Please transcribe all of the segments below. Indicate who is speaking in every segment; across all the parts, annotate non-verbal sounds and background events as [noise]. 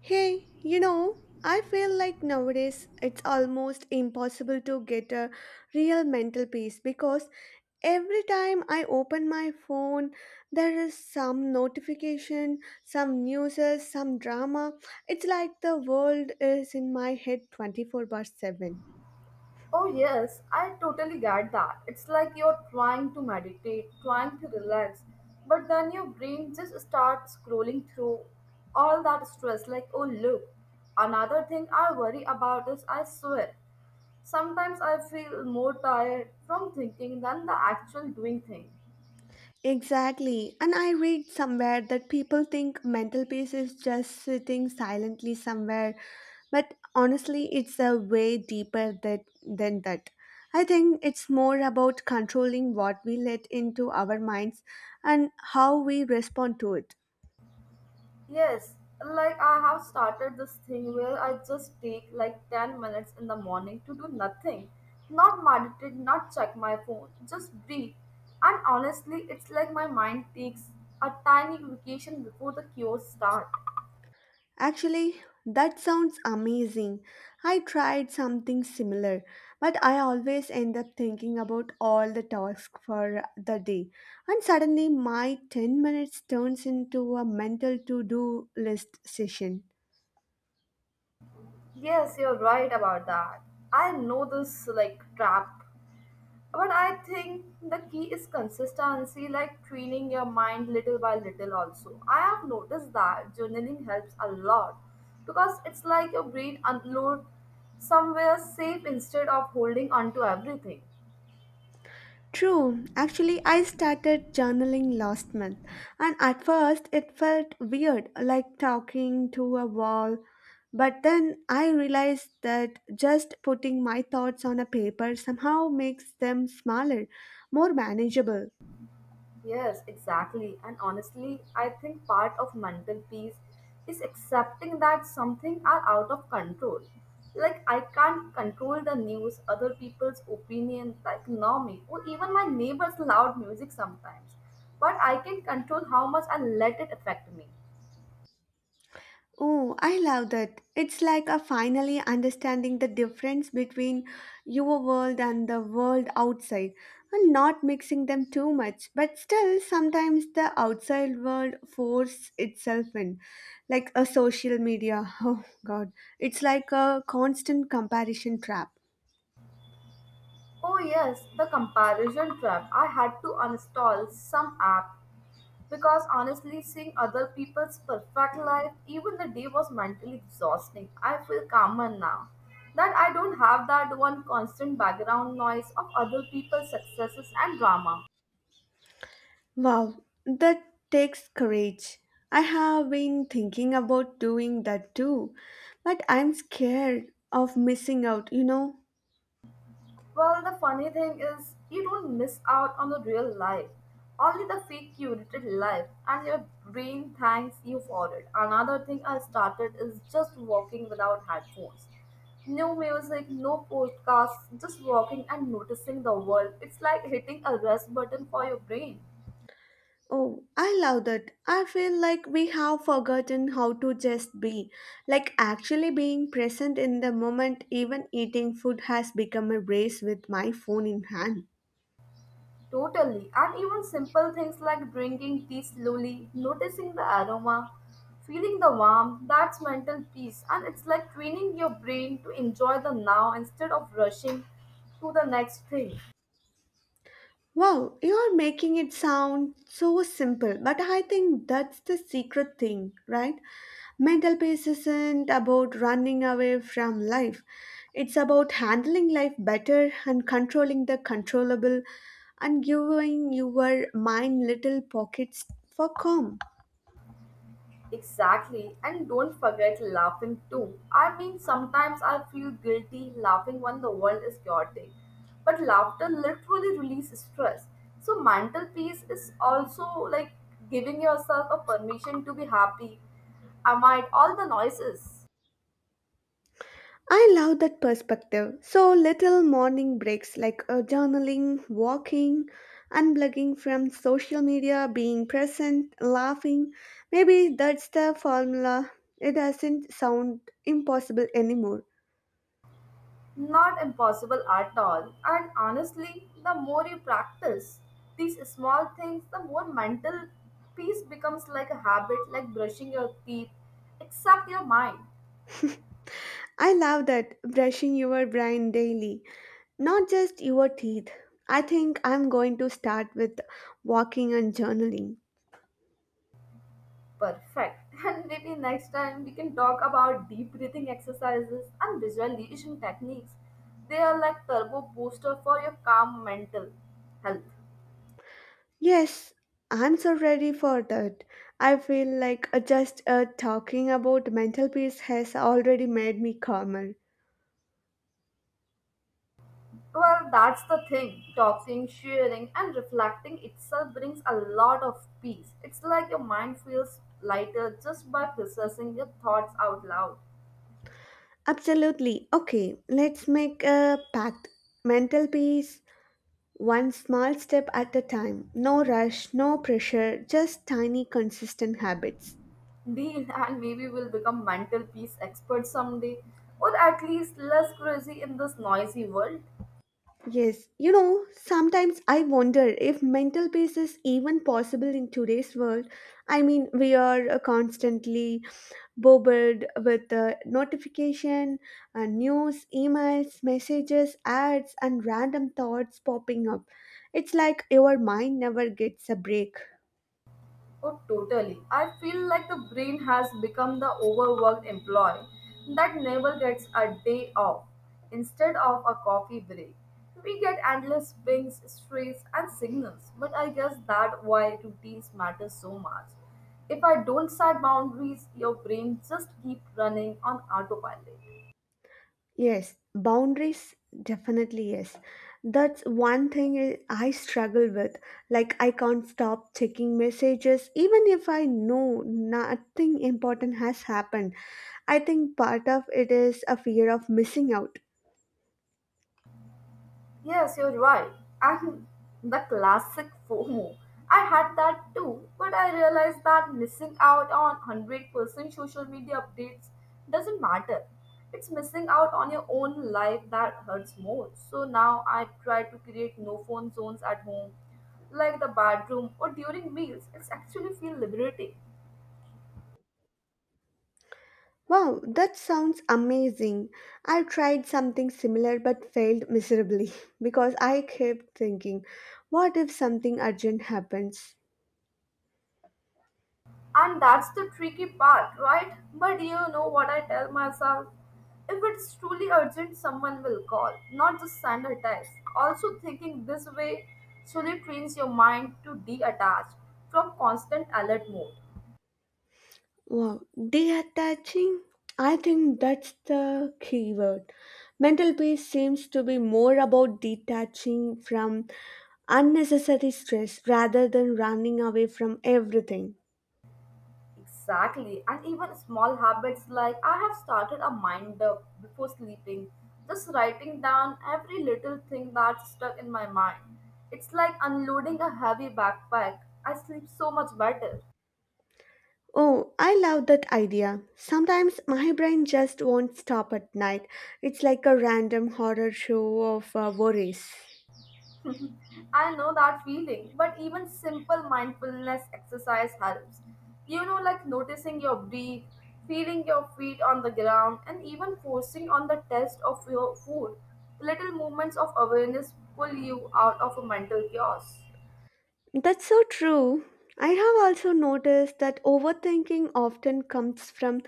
Speaker 1: Hey, you know, I feel like nowadays it's almost impossible to get a real mental peace because every time I open my phone, there is some notification, some news, some drama. It's like the world is in my head 24 by 7.
Speaker 2: Oh, yes, I totally get that. It's like you're trying to meditate, trying to relax, but then your brain just starts scrolling through all that stress, like, oh, look, another thing I worry about is I swear. Sometimes I feel more tired from thinking than the actual doing thing.
Speaker 1: Exactly. And I read somewhere that people think mental peace is just sitting silently somewhere but honestly it's a way deeper than that. I think it's more about controlling what we let into our minds and how we respond to it.
Speaker 2: Yes, like I have started this thing where I just take like 10 minutes in the morning to do nothing. Not meditate, not check my phone, just breathe. And honestly, it's like my mind takes a tiny vacation before the cures start.
Speaker 1: Actually, that sounds amazing. I tried something similar but I always end up thinking about all the tasks for the day, and suddenly my 10 minutes turns into a mental to do list session.
Speaker 2: Yes, you're right about that. I know this like trap. But I think the key is consistency, like training your mind little by little, also. I have noticed that journaling helps a lot because it's like your brain unload somewhere safe instead of holding on to everything.
Speaker 1: True. Actually, I started journaling last month, and at first it felt weird, like talking to a wall. But then I realized that just putting my thoughts on a paper somehow makes them smaller, more manageable.
Speaker 2: Yes, exactly. And honestly, I think part of mental peace is accepting that something are out of control. Like I can't control the news, other people's opinion, the economy, or even my neighbor's loud music sometimes. But I can control how much I let it affect me.
Speaker 1: Oh, I love that. It's like a finally understanding the difference between your world and the world outside and not mixing them too much. But still, sometimes the outside world forces itself in, like a social media. [laughs] Oh God, it's like a constant comparison trap.
Speaker 2: Oh, yes, the comparison trap. I had to uninstall some app because honestly, seeing other people's perfect life, even the day was mentally exhausting. I feel calmer now that I don't have that one constant background noise of other people's successes and drama.
Speaker 1: Wow, that takes courage. I have been thinking about doing that too, but I'm scared of missing out, you know.
Speaker 2: Well, the funny thing is, you don't miss out on the real life, only the fake curated life, and your brain thanks you for it. Another thing I started is just walking without headphones. No music, no podcasts, just walking and noticing the world. It's like hitting a rest button for your brain.
Speaker 1: Oh, I love that. I feel like we have forgotten how to just be. Like actually being present in the moment, even eating food has become a race with my phone in hand.
Speaker 2: Totally. And even simple things like drinking tea slowly, noticing the aroma, feeling the warmth, that's mental peace. And it's like training your brain to enjoy the now instead of rushing to the next thing.
Speaker 1: Wow, you're making it sound so simple, but I think that's the secret thing, right? Mental peace isn't about running away from life. It's about handling life better and controlling the controllable and giving your mind little pockets for calm.
Speaker 2: Exactly, and don't forget laughing too. I mean, sometimes I feel guilty laughing when the world is chaotic, but laughter literally releases stress. So, mental peace is also like giving yourself a permission to be happy amid all the noises.
Speaker 1: I love that perspective. So little morning breaks like journaling, walking, unplugging from social media, being present, laughing. Maybe that's the formula. It doesn't sound impossible anymore.
Speaker 2: Not impossible at all, and honestly, the more you practice these small things, the more mental peace becomes like a habit, like brushing your teeth, except your mind.
Speaker 1: [laughs] I love that, brushing your brain daily, not just your teeth. I think I'm going to start with walking and journaling.
Speaker 2: Perfect. [laughs] And maybe next time we can talk about deep breathing exercises and visualization techniques. They are like turbo booster for your calm mental health.
Speaker 1: Yes, I'm so ready for that. I feel like just talking about mental peace has already made me calmer.
Speaker 2: Well, that's the thing. Talking, sharing, and reflecting itself brings a lot of peace. It's like your mind feels lighter just by processing your thoughts out loud.
Speaker 1: Absolutely. Okay, let's make a pact. Mental peace, one small step at a time. No rush, no pressure, just tiny, consistent habits.
Speaker 2: Deal, [laughs] and maybe we'll become mental peace experts someday, or at least less crazy in this noisy world.
Speaker 1: Yes, you know, sometimes I wonder if mental peace is even possible in today's world. I mean, we are constantly bombarded with notification, news, emails, messages, ads, and random thoughts popping up. It's like your mind never gets a break.
Speaker 2: Oh, totally. I feel like the brain has become the overworked employee that never gets a day off. Instead of a coffee break, we get endless pings, stress, and signals. But I guess that's why routines matter so much. If I don't set boundaries, your brain just keep running on autopilot.
Speaker 1: Yes, boundaries, definitely, yes. That's one thing I struggle with. Like I can't stop checking messages even if I know nothing important has happened. I think part of it is a fear of missing out.
Speaker 2: Yes, you're right. And the classic FOMO. I had that too, but I realized that missing out on 100% social media updates doesn't matter. It's missing out on your own life that hurts more. So now I try to create no phone zones at home, like the bathroom or during meals. It's actually feel liberating.
Speaker 1: Wow, that sounds amazing. I tried something similar but failed miserably [laughs] because I kept thinking, what if something urgent happens?
Speaker 2: And that's the tricky part, right? But you know what I tell myself? If it's truly urgent, someone will call, not just send a text. Also, thinking this way slowly trains your mind to detach from constant alert mode.
Speaker 1: Wow, deattaching? I think that's the key word. Mental peace seems to be more about detaching from unnecessary stress rather than running away from everything.
Speaker 2: Exactly, and even small habits like I have started a minder before sleeping, just writing down every little thing that's stuck in my mind. It's like unloading a heavy backpack. I sleep so much better.
Speaker 1: Oh, I love that idea. Sometimes my brain just won't stop at night. It's like a random horror show of worries.
Speaker 2: I know that feeling, but even simple mindfulness exercise helps. You know, like noticing your breath, feeling your feet on the ground, and even forcing on the taste of your food. Little moments of awareness pull you out of a mental chaos.
Speaker 1: That's so true. I have also noticed that overthinking often comes from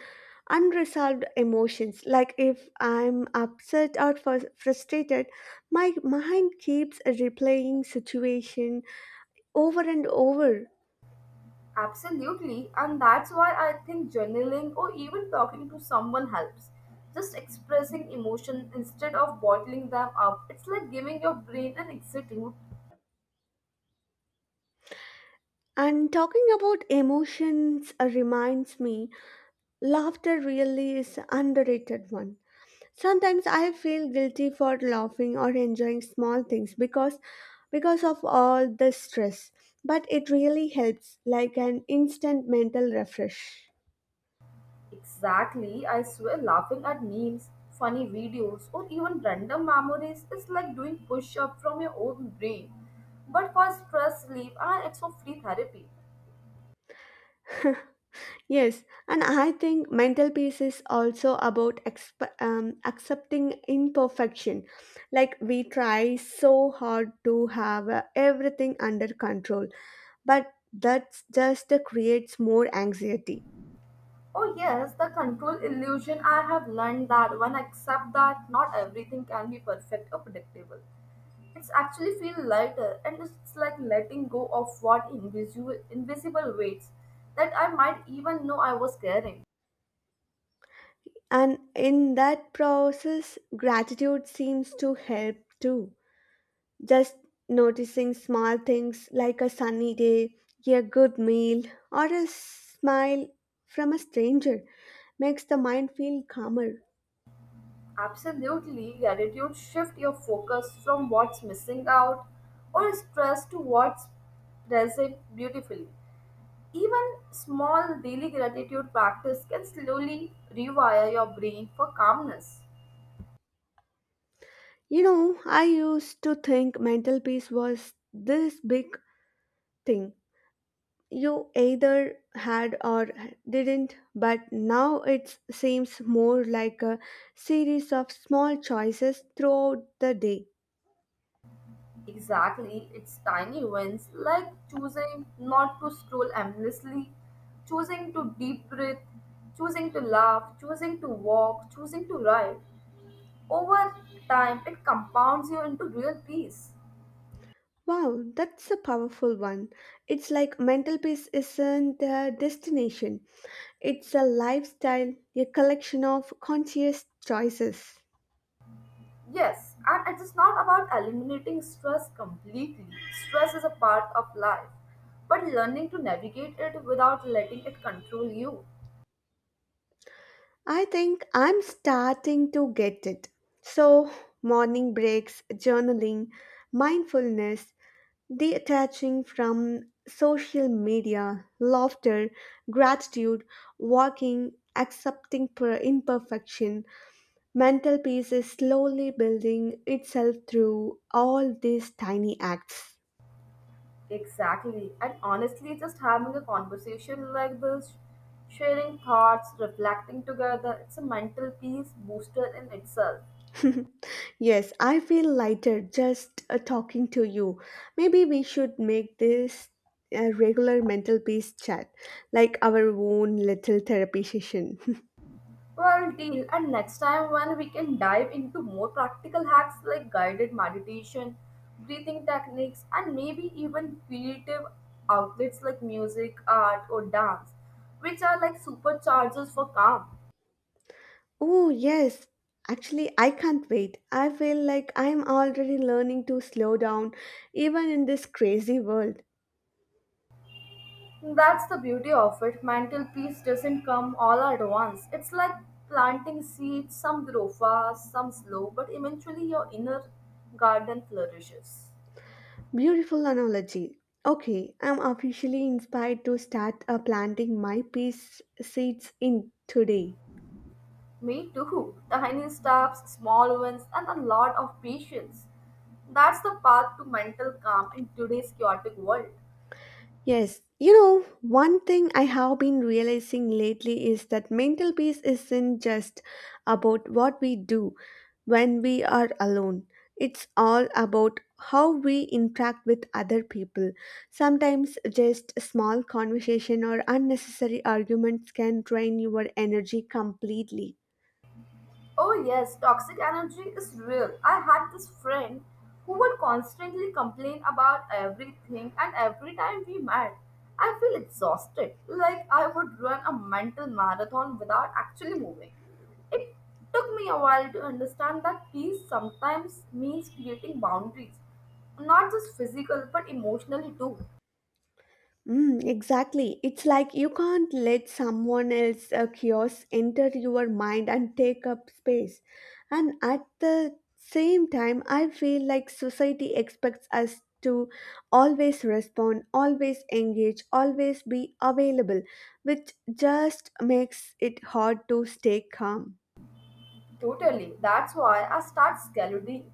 Speaker 1: unresolved emotions. Like if I'm upset or frustrated, my mind keeps replaying situation over and over.
Speaker 2: Absolutely, and that's why I think journaling or even talking to someone helps. Just expressing emotion instead of bottling them up. It's like giving your brain an exit route.
Speaker 1: And talking about emotions reminds me, laughter really is underrated one. Sometimes I feel guilty for laughing or enjoying small things because of all the stress, but it really helps like an instant mental refresh.
Speaker 2: Exactly, I swear laughing at memes, funny videos, or even random memories is like doing push up from your own brain, but for stress relief and it's for free therapy.
Speaker 1: Yes, and I think mental peace is also about accepting imperfection. Like we try so hard to have everything under control, but that just creates more anxiety.
Speaker 2: Oh, yes, the control illusion. I have learned that when I accept that not everything can be perfect or predictable. It's actually feel lighter and it's like letting go of what invisible weights that I might even know I was carrying.
Speaker 1: And in that process, gratitude seems to help too. Just noticing small things like a sunny day, a good meal, or a smile from a stranger makes the mind feel calmer.
Speaker 2: Absolutely, gratitude shift your focus from what's missing out or stress to what's present beautifully. Even small daily gratitude practice can slowly rewire your brain for calmness.
Speaker 1: You know, I used to think mental peace was this big thing. You either had or didn't, but now it seems more like a series of small choices throughout the day.
Speaker 2: Exactly, it's tiny wins like choosing not to scroll endlessly, choosing to deep breathe, choosing to laugh, choosing to walk, choosing to write. Over time, it compounds you into real peace.
Speaker 1: Wow, that's a powerful one. It's like mental peace isn't a destination, it's a lifestyle, a collection of conscious choices.
Speaker 2: Yes, and it is not about eliminating stress completely. Stress is a part of life, but learning to navigate it without letting it control you.
Speaker 1: I think I'm starting to get it. So, morning breaks, journaling, mindfulness, detaching from social media, laughter, gratitude, walking, accepting imperfection, mental peace is slowly building itself through all these tiny acts.
Speaker 2: Exactly. And honestly, just having a conversation like this, sharing thoughts, reflecting together, it's a mental peace booster in itself.
Speaker 1: [laughs] Yes, I feel lighter just talking to you. Maybe we should make this a regular mental peace chat, like our own little therapy session. [laughs]
Speaker 2: Well, deal. And next time when we can dive into more practical hacks like guided meditation, breathing techniques, and maybe even creative outlets like music, art, or dance, which are like superchargers for calm.
Speaker 1: Oh, yes. Actually, I can't wait. I feel like I'm already learning to slow down, even in this crazy world.
Speaker 2: That's the beauty of it. Mental peace doesn't come all at once. It's like planting seeds, some grow fast, some slow, but eventually your inner garden flourishes.
Speaker 1: Beautiful analogy. Okay, I'm officially inspired to start planting my peace seeds in today.
Speaker 2: Me too. Tiny steps, small ones, and a lot of patience. That's the path to mental calm in today's chaotic world.
Speaker 1: Yes, you know, one thing I have been realizing lately is that mental peace isn't just about what we do when we are alone. It's all about how we interact with other people. Sometimes just a small conversation or unnecessary arguments can drain your energy completely.
Speaker 2: Oh, yes, toxic energy is real. I had this friend who would constantly complain about everything, and every time we met, I feel exhausted, like I would run a mental marathon without actually moving. It took me a while to understand that peace sometimes means creating boundaries, not just physical but emotionally too.
Speaker 1: Mm, exactly. It's like you can't let someone else's chaos enter your mind and take up space. And at the same time, I feel like society expects us to always respond, always engage, always be available, which just makes it hard to stay calm.
Speaker 2: Totally. That's why I start scheduling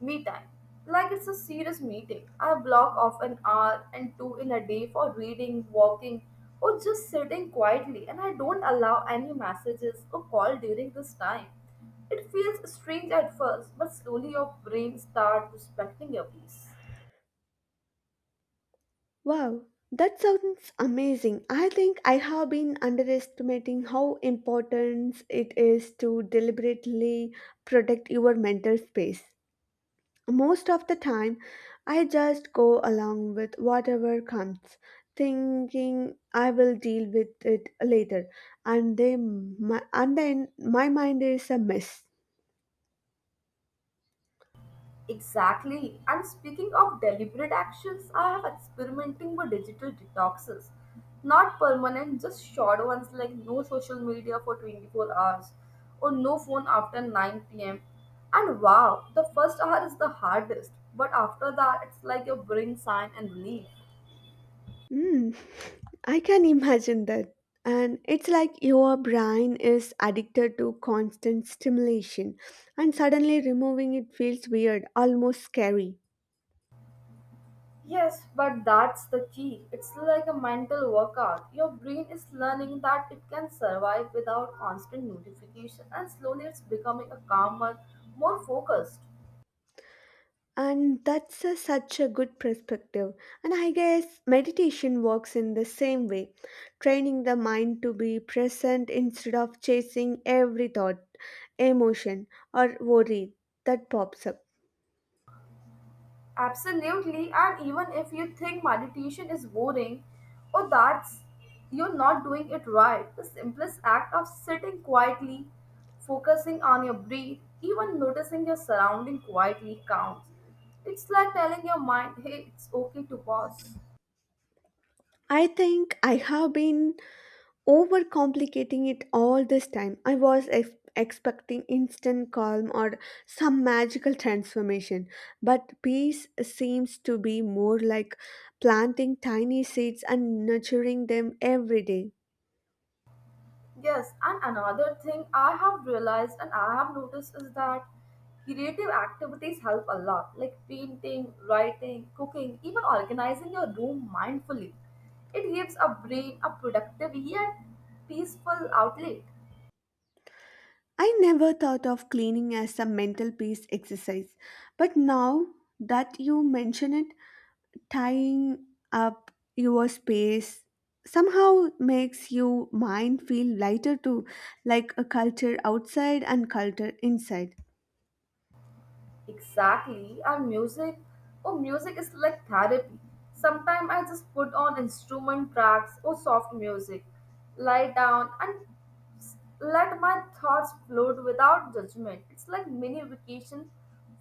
Speaker 2: me time. Like it's a serious meeting. I block off an hour and two in a day for reading, walking, or just sitting quietly, and I don't allow any messages or call during this time. It feels strange at first, but slowly your brain starts respecting your peace.
Speaker 1: Wow, that sounds amazing. I think I have been underestimating how important it is to deliberately protect your mental space. Most of the time, I just go along with whatever comes, thinking I will deal with it later, and and then my mind is a mess.
Speaker 2: Exactly. And speaking of deliberate actions, I have experimenting with digital detoxes. Not permanent, just short ones like no social media for 24 hours or no phone after 9 pm. And wow, the first hour is the hardest, but after that, it's like a brain sign and relief.
Speaker 1: Mm, [laughs] I can imagine that. And it's like your brain is addicted to constant stimulation, and suddenly removing it feels weird, almost scary.
Speaker 2: Yes, but that's the key. It's like a mental workout. Your brain is learning that it can survive without constant notification, and slowly it's becoming a calmer, more focused.
Speaker 1: And that's a, such a good perspective. And I guess meditation works in the same way, training the mind to be present instead of chasing every thought, emotion, or worry that pops up.
Speaker 2: Absolutely, and even if you think meditation is boring or that's you're not doing it right, the simplest act of sitting quietly, focusing on your breath, even noticing your surrounding quietly counts. It's like telling your mind, hey, it's okay to pause.
Speaker 1: I think I have been overcomplicating it all this time. I was expecting instant calm or some magical transformation, but peace seems to be more like planting tiny seeds and nurturing them every day.
Speaker 2: Yes, and another thing I have realized and I have noticed is that creative activities help a lot, like painting, writing, cooking, even organizing your room mindfully. It gives a brain a productive yet peaceful outlet.
Speaker 1: I never thought of cleaning as a mental peace exercise, but now that you mention it, tying up your space somehow makes your mind feel lighter too, like a culture outside and culture inside.
Speaker 2: Exactly, and music, oh, music is like therapy. Sometimes I just put on instrument tracks or soft music, lie down, and let my thoughts float without judgment. It's like mini vacation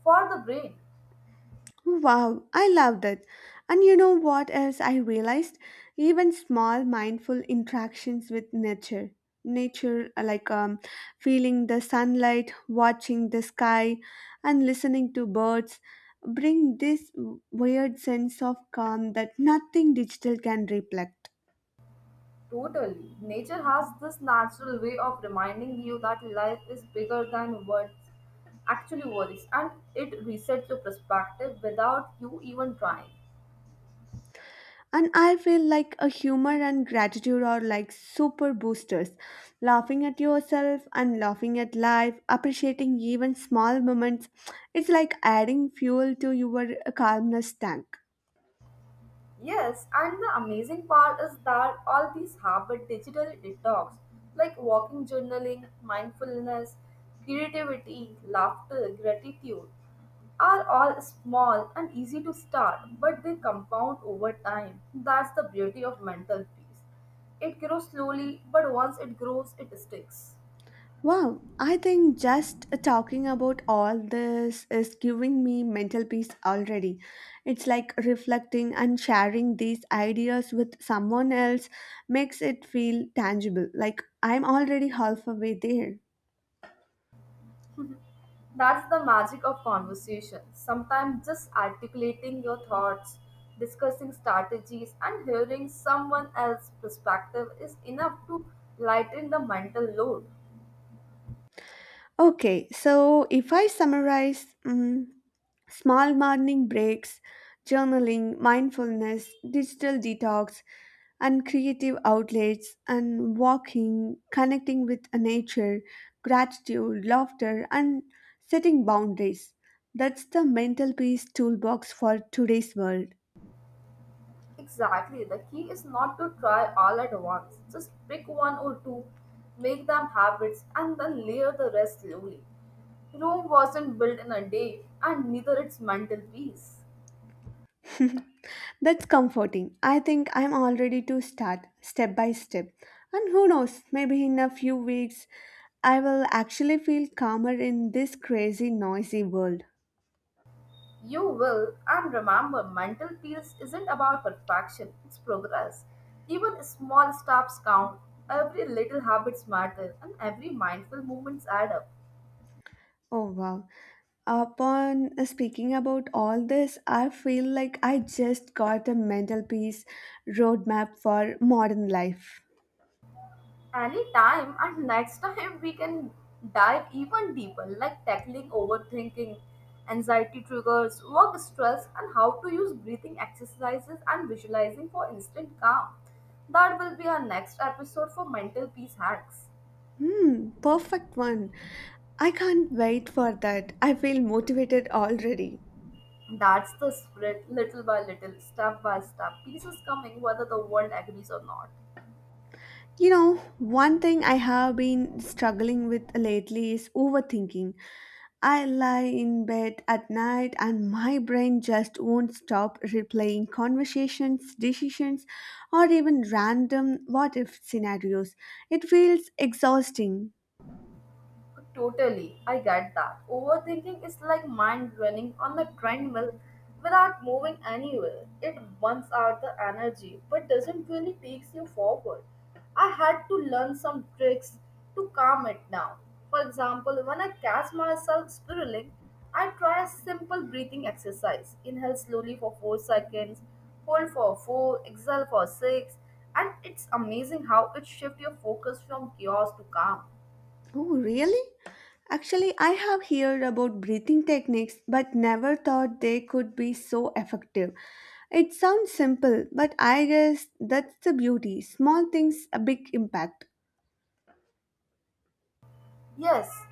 Speaker 2: for the brain.
Speaker 1: Wow, I love that. And you know what else I realized? Even small mindful interactions with nature. Nature, uh, like um, Feeling the sunlight, watching the sky, and listening to birds, bring this weird sense of calm that nothing digital can reflect.
Speaker 2: Totally. Nature has this natural way of reminding you that life is bigger than what actually worries, and it resets your perspective without you even trying.
Speaker 1: And I feel like a humor and gratitude are like super boosters. Laughing at yourself and laughing at life, appreciating even small moments, it's like adding fuel to your calmness tank.
Speaker 2: Yes, and the amazing part is that all these habit digital detox like walking journaling, mindfulness, creativity, laughter, gratitude are all small and easy to start, but they compound over time. That's the beauty of mental peace. It grows slowly, but once it grows, it sticks.
Speaker 1: Wow, I think just talking about all this is giving me mental peace already. It's like reflecting and sharing these ideas with someone else makes it feel tangible, like I'm already halfway there.
Speaker 2: That's the magic of conversation. Sometimes just articulating your thoughts, discussing strategies, and hearing someone else's perspective is enough to lighten the mental load.
Speaker 1: Okay, so if I summarize, mm, small morning breaks, journaling, mindfulness, digital detox, and creative outlets, and walking, connecting with nature, gratitude, laughter, and setting boundaries. That's the mental peace toolbox for today's world.
Speaker 2: Exactly. The key is not to try all at once. Just pick one or two, make them habits, and then layer the rest slowly. Rome wasn't built in a day, and neither its mental peace.
Speaker 1: That's comforting. I think I'm all ready to start step by step. And who knows, maybe in a few weeks I will actually feel calmer in this crazy, noisy world.
Speaker 2: You will, and remember, mental peace isn't about perfection, it's progress. Even small steps count, every little habits matter, and every mindful moments add up.
Speaker 1: Oh wow. Upon speaking about all this, I feel like I just got a mental peace roadmap for modern life.
Speaker 2: Anytime and next time we can dive even deeper, like tackling overthinking, anxiety triggers, work stress, and how to use breathing exercises and visualizing for instant calm. That will be our next episode for mental peace hacks.
Speaker 1: Hmm, perfect one. I can't wait for that. I feel motivated already.
Speaker 2: That's the spirit, little by little, step by step. Peace is coming whether the world agrees or not.
Speaker 1: You know, one thing I have been struggling with lately is overthinking. I lie in bed at night and my brain just won't stop replaying conversations, decisions, or even random what if scenarios. It feels exhausting.
Speaker 2: Totally, I get that. Overthinking is like mind running on the treadmill without moving anywhere. It burns out the energy but doesn't really take you forward. I had to learn some tricks to calm it down. For example, when I catch myself spiraling, I try a simple breathing exercise. Inhale slowly for 4 seconds, hold for 4, exhale for 6, and it's amazing how it shifts your focus from chaos to calm.
Speaker 1: Oh, really? Actually, I have heard about breathing techniques but never thought they could be so effective. It sounds simple, but I guess that's the beauty. Small things, a big impact.
Speaker 2: Yes,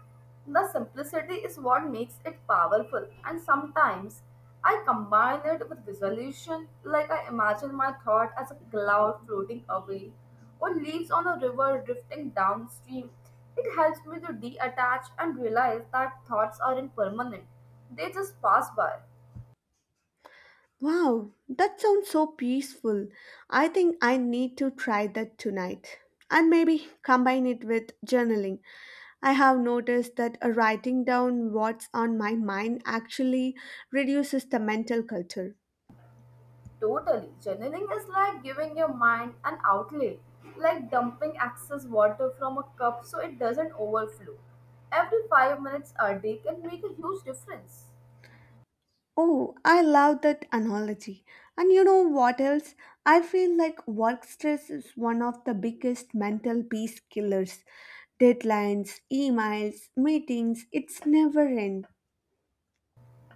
Speaker 2: the simplicity is what makes it powerful, and sometimes I combine it with resolution, like I imagine my thought as a cloud floating away or leaves on a river drifting downstream. It helps me to detach and realize that thoughts aren't permanent, they just pass by.
Speaker 1: Wow, that sounds so peaceful. I think I need to try that tonight. And maybe combine it with journaling. I have noticed that writing down what's on my mind actually reduces the mental clutter.
Speaker 2: Totally. Journaling is like giving your mind an outlet, like dumping excess water from a cup so it doesn't overflow. Every 5 minutes a day can make a huge difference.
Speaker 1: Oh, I love that analogy. And you know what else? I feel like work stress is one of the biggest mental peace killers. Deadlines, emails, meetings, it's never end.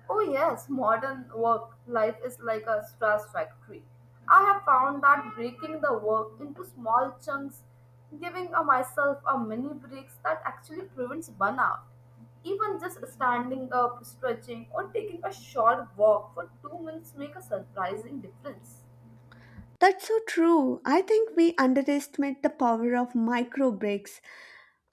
Speaker 2: Oh, yes, modern work life is like a stress factory. I have found that breaking the work into small chunks, giving a myself a mini breaks that actually prevents burnout. Even just standing up, stretching, or taking a short walk for 2 minutes make a surprising difference.
Speaker 1: That's so true. I think we underestimate the power of micro breaks.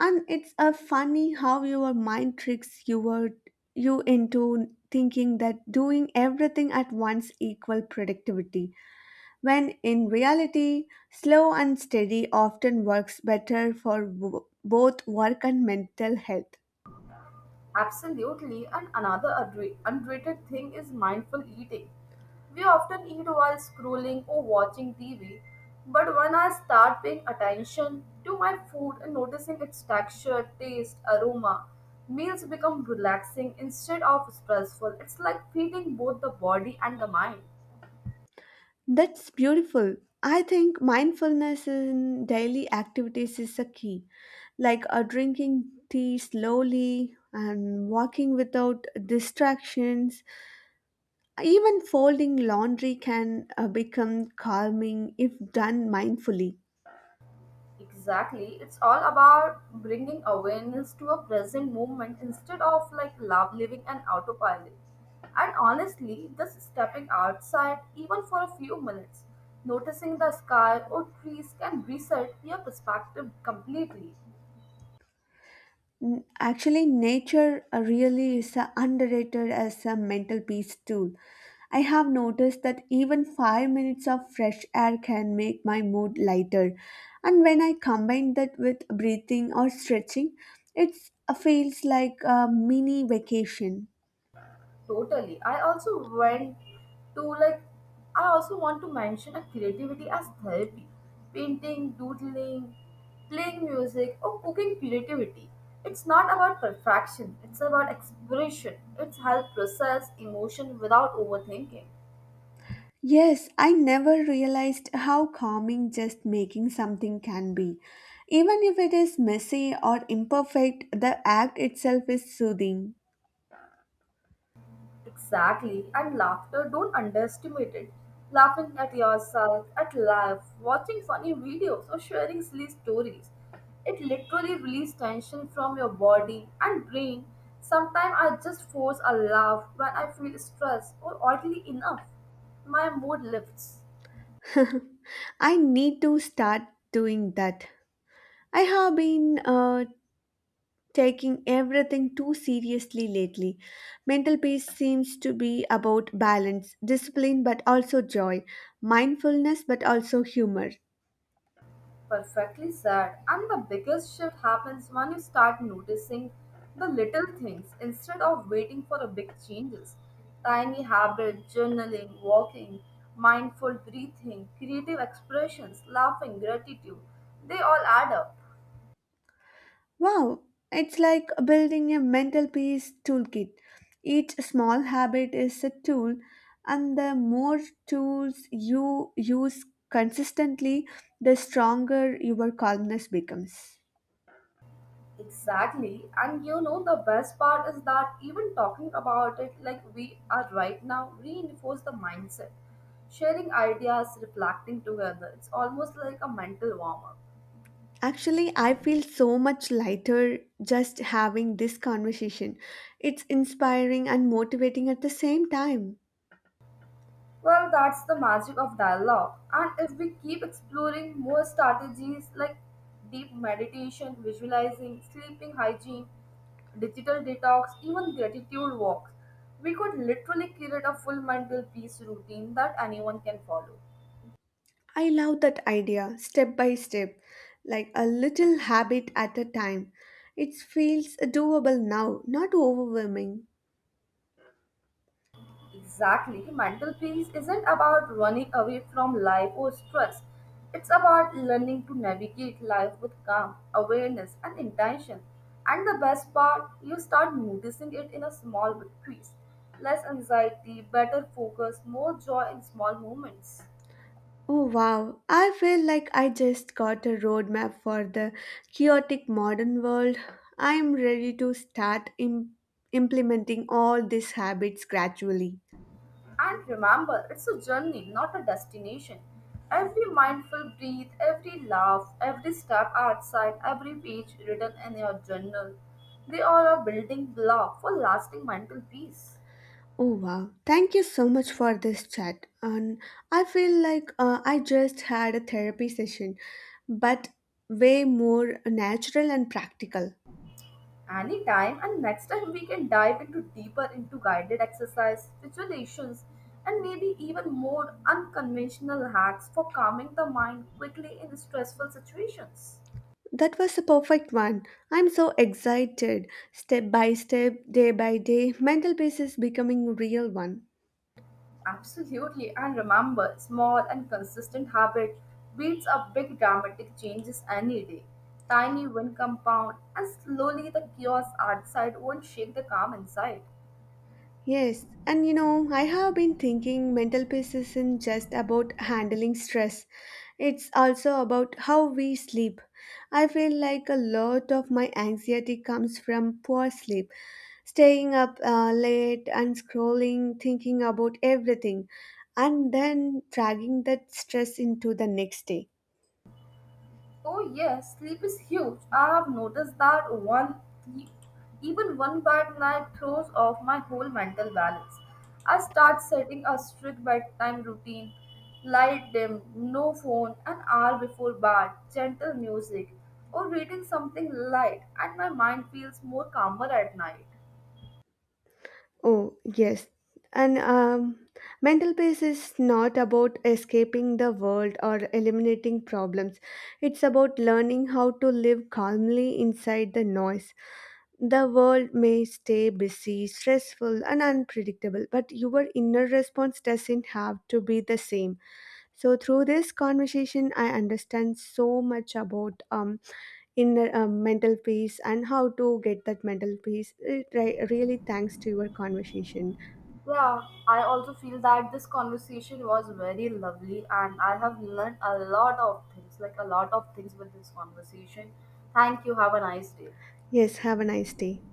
Speaker 1: And it's a funny how your you into thinking that doing everything at once equal productivity when in reality, slow and steady often works better for both work and mental health.
Speaker 2: Absolutely, and another underrated thing is mindful eating. We often eat while scrolling or watching TV, but when I start paying attention to my food and noticing its texture, taste, aroma, meals become relaxing instead of stressful. It's like feeding both the body and the mind.
Speaker 1: That's beautiful. I think mindfulness in daily activities is a key, like drinking tea slowly and walking without distractions. Even folding laundry can become calming if done mindfully.
Speaker 2: Exactly. It's all about bringing awareness to a present moment instead of like love living an autopilot. And honestly, just stepping outside, even for a few minutes, noticing the sky or trees can reset your perspective completely.
Speaker 1: Actually, nature really is underrated as a mental peace tool. I have noticed that even 5 minutes of fresh air can make my mood lighter, and when I combine that with breathing or stretching, it feels like a mini vacation.
Speaker 2: Totally. To like I also want to mention a creativity as therapy. Painting, doodling, playing music or cooking creativity. It's not about perfection, it's about exploration. It's help process emotion without overthinking.
Speaker 1: Yes, I never realized how calming just making something can be. Even if it is messy or imperfect, the act itself is soothing.
Speaker 2: Exactly, and laughter, don't underestimate it. Laughing at yourself, at life, watching funny videos, or sharing silly stories. It literally releases tension from your body and brain. Sometimes I just force a laugh when I feel stressed or oddly enough. My mood lifts.
Speaker 1: [laughs] I need to start doing that. I have been taking everything too seriously lately. Mental peace seems to be about balance, discipline, but also joy, mindfulness, but also humor.
Speaker 2: Perfectly said. And the biggest shift happens when you start noticing the little things instead of waiting for the big changes. Tiny habits, journaling, walking, mindful breathing, creative expressions, laughing, gratitude, they all add up.
Speaker 1: Wow, it's like building a mental peace toolkit. Each small habit is a tool, and the more tools you use consistently, the stronger your calmness becomes.
Speaker 2: Exactly. And you know, the best part is that even talking about it like we are right now reinforce the mindset. Sharing ideas, reflecting together, it's almost like a mental warm up.
Speaker 1: Actually, I feel so much lighter just having this conversation. It's inspiring and motivating at the same time.
Speaker 2: Well, that's the magic of dialogue. And if we keep exploring more strategies like deep meditation, visualizing, sleeping hygiene, digital detox, even gratitude walks, we could literally create a full mental peace routine that anyone can follow.
Speaker 1: I love that idea, step by step, like a little habit at a time. It feels doable now, not overwhelming.
Speaker 2: Exactly. Mental peace isn't about running away from life or stress. It's about learning to navigate life with calm, awareness, and intention. And the best part, you start noticing it in a small victories. Less anxiety, better focus, more joy in small moments.
Speaker 1: Oh wow, I feel like I just got a roadmap for the chaotic modern world. I am ready to start implementing all these habits gradually.
Speaker 2: And remember, it's a journey, not a destination. Every mindful breath, every laugh, every step outside, every page written in your journal, they all are building block for lasting mental peace.
Speaker 1: Oh wow, thank you so much for this chat. And I feel like I just had a therapy session, but way more natural and practical.
Speaker 2: Anytime and next time we can dive into deeper into guided exercise, visualizations, and maybe even more unconventional hacks for calming the mind quickly in stressful situations.
Speaker 1: That was a perfect one. I'm so excited. Step by step, day by day, mental peace is becoming real one.
Speaker 2: Absolutely, and remember, small and consistent habit beats up big dramatic changes any day. Tiny win compound, and slowly the chaos outside won't shake the calm inside.
Speaker 1: Yes, and you know, I have been thinking mental peace isn't just about handling stress, it's also about how we sleep. I feel like a lot of my anxiety comes from poor sleep, staying up late and scrolling, thinking about everything, and then dragging that stress into the next day.
Speaker 2: Oh yes, sleep is huge. I have noticed that one even one bad night throws off my whole mental balance. I start setting a strict bedtime routine, light dim, no phone, an hour before bed, gentle music, or reading something light, and my mind feels more calmer at night.
Speaker 1: Oh, yes. And mental peace is not about escaping the world or eliminating problems. It's about learning how to live calmly inside the noise. The world may stay busy, stressful, and unpredictable, but your inner response doesn't have to be the same. So through this conversation, I understand so much about inner mental peace and how to get that mental peace. It, really, thanks to your conversation.
Speaker 2: Yeah, I also feel that this conversation was very lovely and I have learned a lot of things, like a lot of things with this conversation. Thank you. Have a nice day.
Speaker 1: Yes, have a nice day.